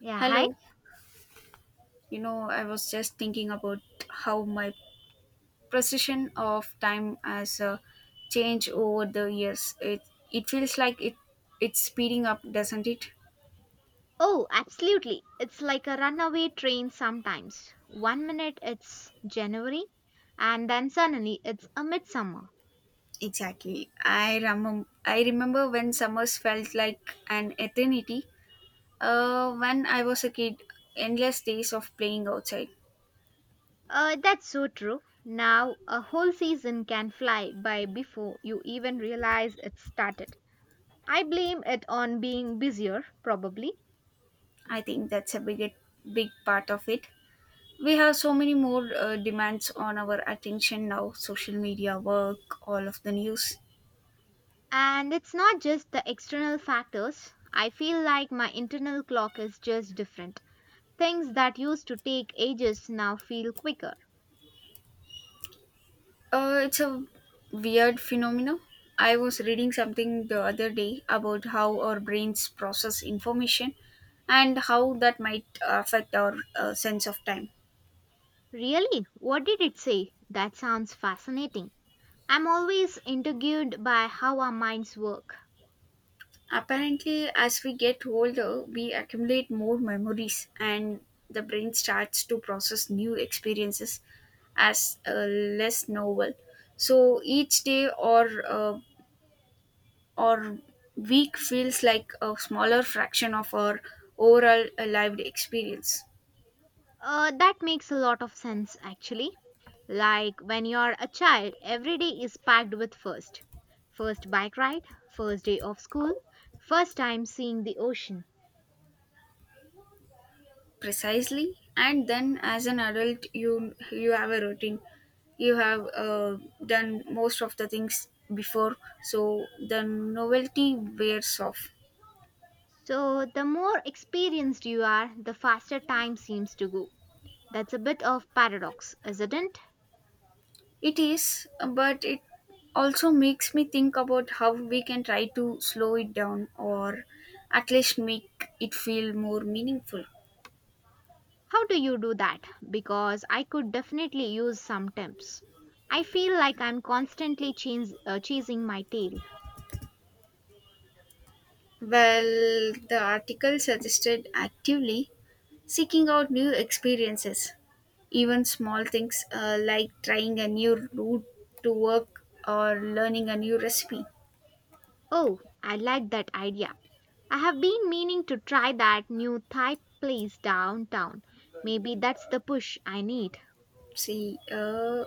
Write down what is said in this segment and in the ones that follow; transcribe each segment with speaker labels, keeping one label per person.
Speaker 1: Yeah, hi.
Speaker 2: Hello, I was just thinking about how my perception of time has changed over the years. It feels like it's speeding up, doesn't it?
Speaker 1: Oh, absolutely. It's like a runaway train sometimes. One minute it's January, and then suddenly it's a midsummer.
Speaker 2: Exactly. I remember when summers felt like an eternity. When I was a kid, endless days of playing outside.
Speaker 1: That's so true. Now, a whole season can fly by before you even realize it started. I blame it on being busier, probably.
Speaker 2: I think that's a big part of it. We have so many more demands on our attention now. Social media, work, all of the news.
Speaker 1: And it's not just the external factors. I feel like my internal clock is just different. Things that used to take ages now feel quicker.
Speaker 2: It's a weird phenomenon. I was reading something the other day about how our brains process information and how that might affect our sense of time.
Speaker 1: Really? What did it say? That sounds fascinating. I'm always intrigued by how our minds work.
Speaker 2: Apparently, as we get older, we accumulate more memories and the brain starts to process new experiences as less novel. So each day or week feels like a smaller fraction of our overall lived experience.
Speaker 1: That makes a lot of sense, actually. Like when you're a child, every day is packed with first. First bike ride, first day of school, first time seeing the ocean.
Speaker 2: Precisely, and then as an adult, you have a routine, you have done most of the things before, so the novelty wears off.
Speaker 1: So, the more experienced you are, the faster time seems to go. That's a bit of paradox, isn't it?
Speaker 2: It is, but it also makes me think about how we can try to slow it down or at least make it feel more meaningful.
Speaker 1: How do you do that? Because I could definitely use some tips. I feel like I'm constantly chasing my tail.
Speaker 2: Well, the article suggested actively seeking out new experiences. Even small things like trying a new route to work or learning a new recipe.
Speaker 1: Oh, I like that idea. I have been meaning to try that new Thai place downtown. Maybe that's the push I need.
Speaker 2: See,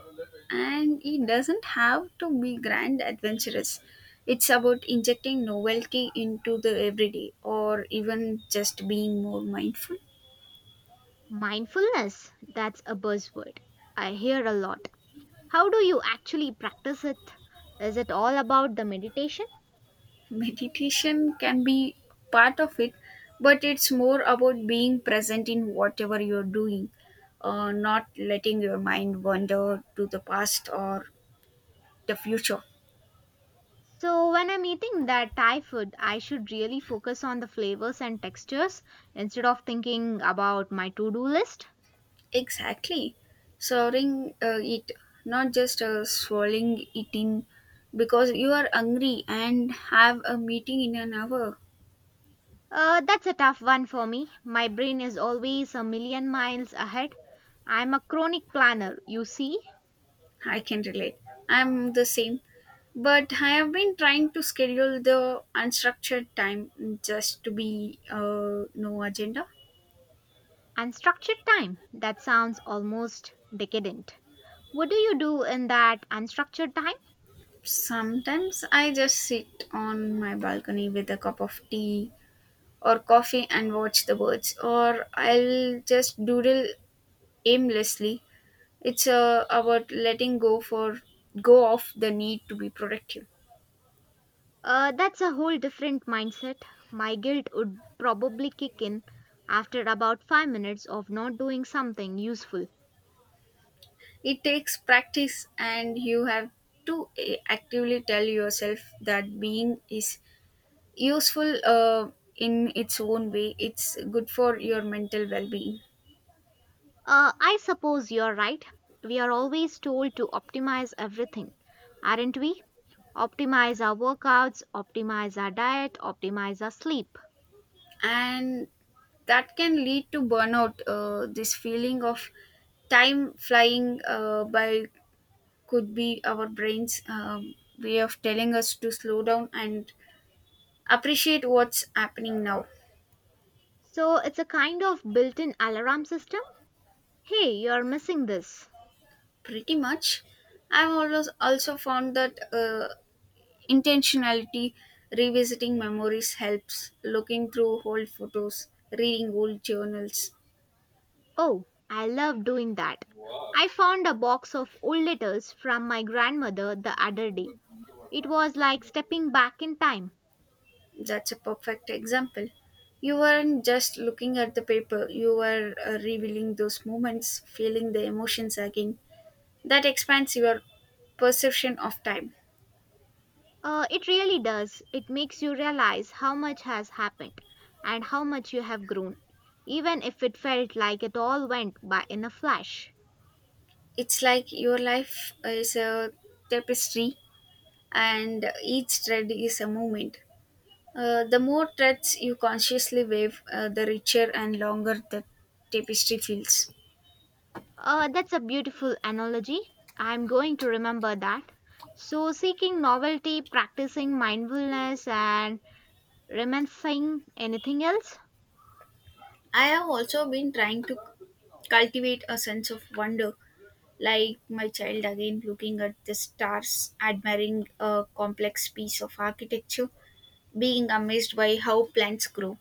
Speaker 2: and it doesn't have to be grand adventurous. It's about injecting novelty into the everyday or even just being more mindful.
Speaker 1: Mindfulness, that's a buzzword. I hear a lot. How do you actually practice it? Is it all about the meditation?
Speaker 2: Meditation can be part of it, but it's more about being present in whatever you're doing, not letting your mind wander to the past or the future.
Speaker 1: So, when I'm eating that Thai food, I should really focus on the flavors and textures instead of thinking about my to do list.
Speaker 2: Exactly, serving it, not just swallowing it in because you are hungry and have a meeting in an hour.
Speaker 1: That's a tough one for me. My brain is always a million miles ahead. I'm a chronic planner, you see,
Speaker 2: I can relate. I'm the same. But I have been trying to schedule the unstructured time, just to be, no agenda.
Speaker 1: and structured time. That sounds almost decadent. What do you do in that unstructured time?
Speaker 2: Sometimes I just sit on my balcony with a cup of tea or coffee and watch the birds, or I'll just doodle aimlessly. It's about letting go off the need to be productive.
Speaker 1: That's a whole different mindset. My guilt would probably kick in after about 5 minutes of not doing something useful.
Speaker 2: It takes practice, and you have to actively tell yourself that being is useful, in its own way. It's good for your mental well being.
Speaker 1: I suppose you're right. We are always told to optimize everything, aren't we? Optimize our workouts, optimize our diet, optimize our sleep.
Speaker 2: And that can lead to burnout. This feeling of time flying by could be our brain's way of telling us to slow down and appreciate what's happening now.
Speaker 1: So it's a kind of built in alarm system. Hey, you're missing this.
Speaker 2: Pretty much. I've always also found that, Intentionality, revisiting memories helps, looking through old photos, reading old journals.
Speaker 1: Oh, I love doing that. I found a box of old letters from my grandmother the other day. It was like stepping back in time.
Speaker 2: That's a perfect example. You weren't just looking at the paper, you were revealing those moments, feeling the emotions again. That expands your perception of time.
Speaker 1: It really does. It makes you realize how much has happened and how much you have grown, even if it felt like it all went by in a flash.
Speaker 2: It's like your life is a tapestry and each thread is a moment. The more threads you consciously wave, the richer and longer the tapestry feels.
Speaker 1: That's a beautiful analogy. I'm going to remember that. So, seeking novelty, practicing mindfulness, and reminiscing anything else?
Speaker 2: I have also been trying to cultivate a sense of wonder, like my child again looking at the stars, admiring a complex piece of architecture, being amazed by how plants grow.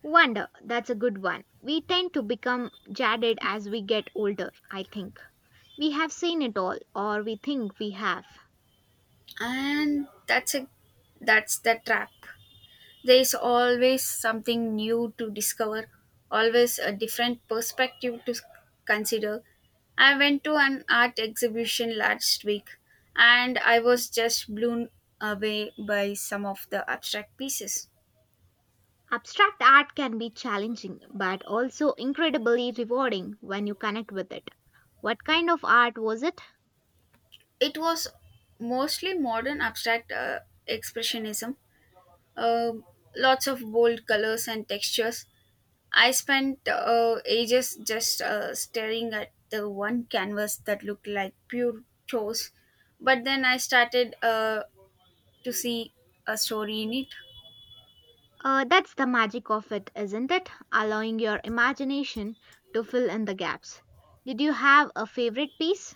Speaker 1: Wonder. That's a good one. We tend to become jaded as we get older, I think. We have seen it all, or we think we have.
Speaker 2: And that's the trap. There is always something new to discover, always a different perspective to consider. I went to an art exhibition last week and I was just blown away by some of the abstract pieces.
Speaker 1: Abstract art can be challenging but also incredibly rewarding when you connect with it. What kind of art was it?
Speaker 2: It was mostly modern abstract expressionism, Um lots of bold colors and textures. I spent ages just staring at the one canvas that looked like pure chose. But then I started to see a story in it.
Speaker 1: That's the magic of it, isn't it? Allowing your imagination to fill in the gaps. Did you have a favorite piece?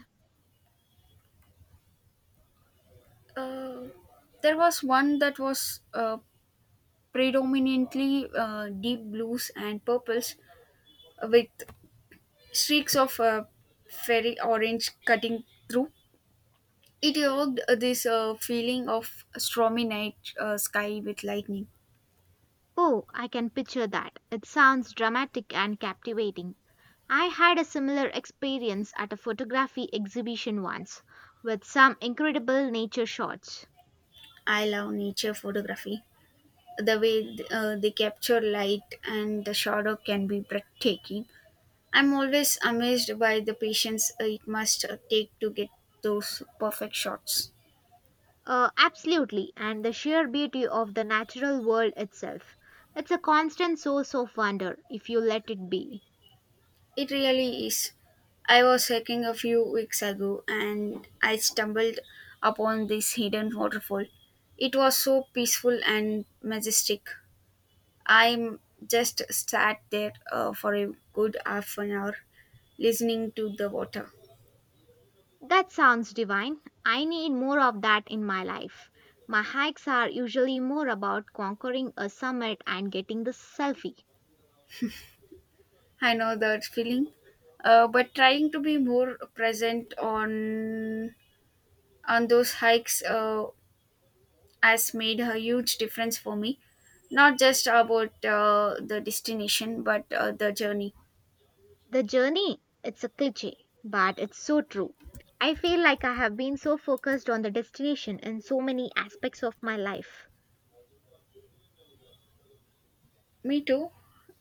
Speaker 2: Uh, there was one that was predominantly deep blues and purples with streaks of fairy orange cutting through. It evoked this feeling of stormy night sky with lightning.
Speaker 1: Oh, I can picture that. It sounds dramatic and captivating. I had a similar experience at a photography exhibition once with some incredible nature shots.
Speaker 2: I love nature photography. The way they capture light and the shadow can be breathtaking. I'm always amazed by the patience it must take to get those perfect shots.
Speaker 1: Absolutely, and the sheer beauty of the natural world itself. It's a constant source of wonder if you let it be.
Speaker 2: It really is. I was hiking a few weeks ago and I stumbled upon this hidden waterfall. It was so peaceful and majestic. I just sat there for a good half an hour listening to the water.
Speaker 1: That sounds divine. I need more of that in my life. My hikes are usually more about conquering a summit and getting the selfie.
Speaker 2: I know that feeling. But trying to be more present on those hikes has made a huge difference for me. Not just about the destination, but the journey.
Speaker 1: The journey, it's a cliche, but it's so true. I feel like I have been so focused on the destination in so many aspects of my life.
Speaker 2: Me too.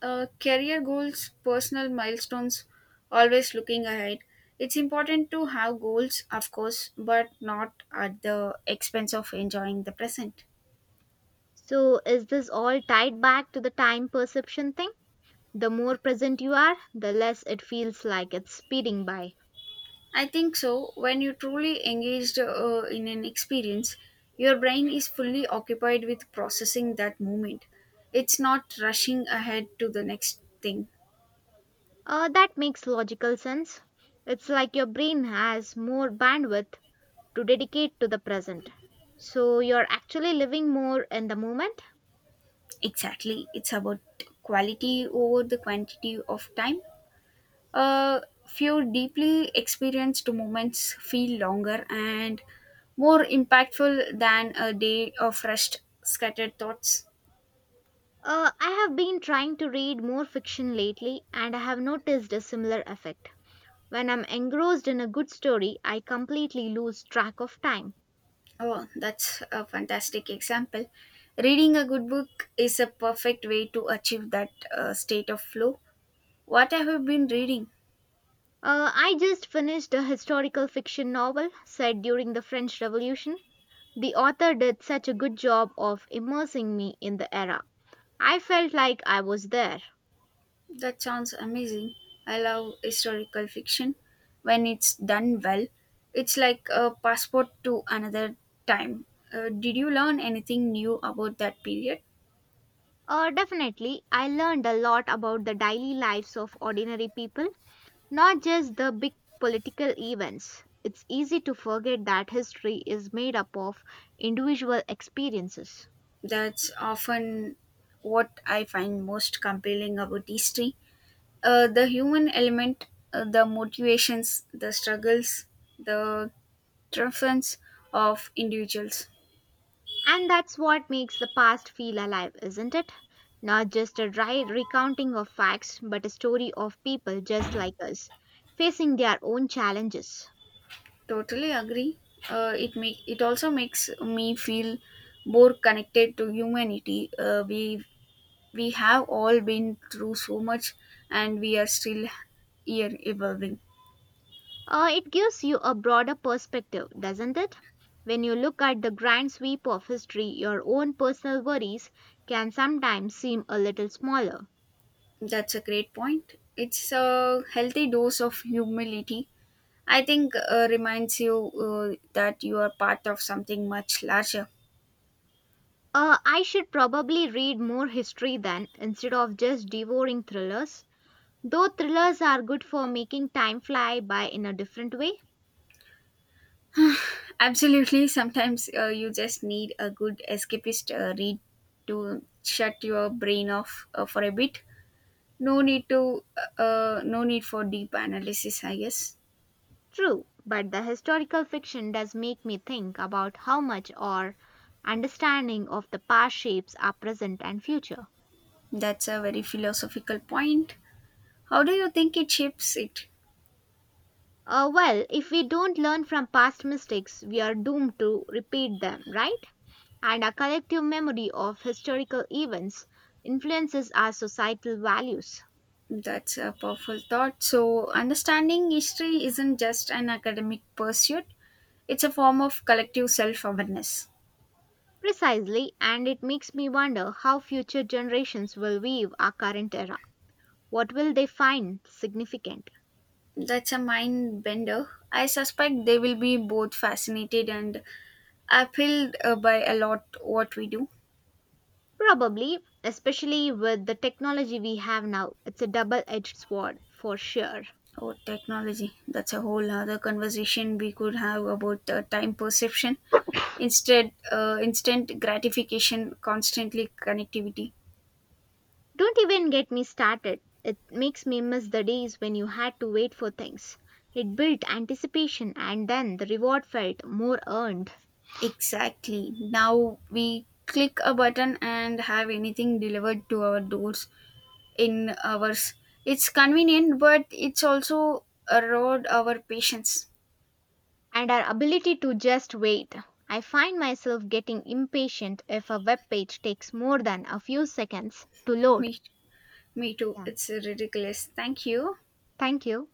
Speaker 2: Career goals, personal milestones, always looking ahead. It's important to have goals, of course, but not at the expense of enjoying the present.
Speaker 1: So, is this all tied back to the time perception thing? The more present you are, the less it feels like it's speeding by.
Speaker 2: I think so. When you truly engaged in an experience, your brain is fully occupied with processing that moment. It's not rushing ahead to the next thing.
Speaker 1: That makes logical sense. It's like your brain has more bandwidth to dedicate to the present. So you're actually living more in the moment.
Speaker 2: Exactly. It's about quality over the quantity of time. A few deeply experienced moments feel longer and more impactful than a day of rushed, scattered thoughts.
Speaker 1: I have been trying to read more fiction lately and I have noticed a similar effect. When I'm engrossed in a good story, I completely lose track of time.
Speaker 2: Oh, that's a fantastic example. Reading a good book is a perfect way to achieve that state of flow. What have you been reading?
Speaker 1: I just finished a historical fiction novel set during the French Revolution. The author did such a good job of immersing me in the era. I felt like I was there.
Speaker 2: That sounds amazing. I love historical fiction when it's done well. It's like a passport to another time. Did you learn anything new about that period?
Speaker 1: Definitely, I learned a lot about the daily lives of ordinary people, not just the big political events. It's easy to forget that history is made up of individual experiences.
Speaker 2: That's often what I find most compelling about history. The human element, the motivations, the struggles, the triumphs of individuals.
Speaker 1: And that's what makes the past feel alive, isn't it? Not just a dry recounting of facts, but a story of people just like us, facing their own challenges.
Speaker 2: Totally agree. It also makes me feel more connected to humanity. We have all been through so much, and we are still here evolving.
Speaker 1: It gives you a broader perspective, doesn't it? When you look at the grand sweep of history, your own personal worries can sometimes seem a little smaller.
Speaker 2: That's a great point. It's a healthy dose of humility. I think, reminds you, that you are part of something much larger.
Speaker 1: I should probably read more history then instead of just devouring thrillers. Though thrillers are good for making time fly by in a different way.
Speaker 2: Absolutely. Sometimes you just need a good escapist read to shut your brain off for a bit. No need to, no need for deep analysis, I guess.
Speaker 1: True, but the historical fiction does make me think about how much our understanding of the past shapes our present and future.
Speaker 2: That's a very philosophical point. How do you think it shapes it?
Speaker 1: Well, if we don't learn from past mistakes, we are doomed to repeat them, right? And our collective memory of historical events influences our societal values.
Speaker 2: That's a powerful thought. So understanding history isn't just an academic pursuit; it's a form of collective self-awareness.
Speaker 1: Precisely, and it makes me wonder how future generations will view our current era. What will they find significant?
Speaker 2: That's a mind bender. I suspect they will be both fascinated and appealed by a lot what we do.
Speaker 1: Probably, especially with the technology we have now, it's a double edged sword for sure.
Speaker 2: Or technology, that's a whole other conversation we could have about, time perception, instead, instant gratification, constantly connectivity.
Speaker 1: Don't even get me started. It makes me miss the days when you had to wait for things. It built anticipation and then the reward felt more earned.
Speaker 2: Exactly, now we click a button and have anything delivered to our doors in hours. It's convenient, but it's also erode our patience.
Speaker 1: And our ability to just wait. I find myself getting impatient if a web page takes more than a few seconds to
Speaker 2: me
Speaker 1: load.
Speaker 2: me too,
Speaker 1: Yeah.
Speaker 2: it's ridiculous. Thank you.
Speaker 1: Thank you.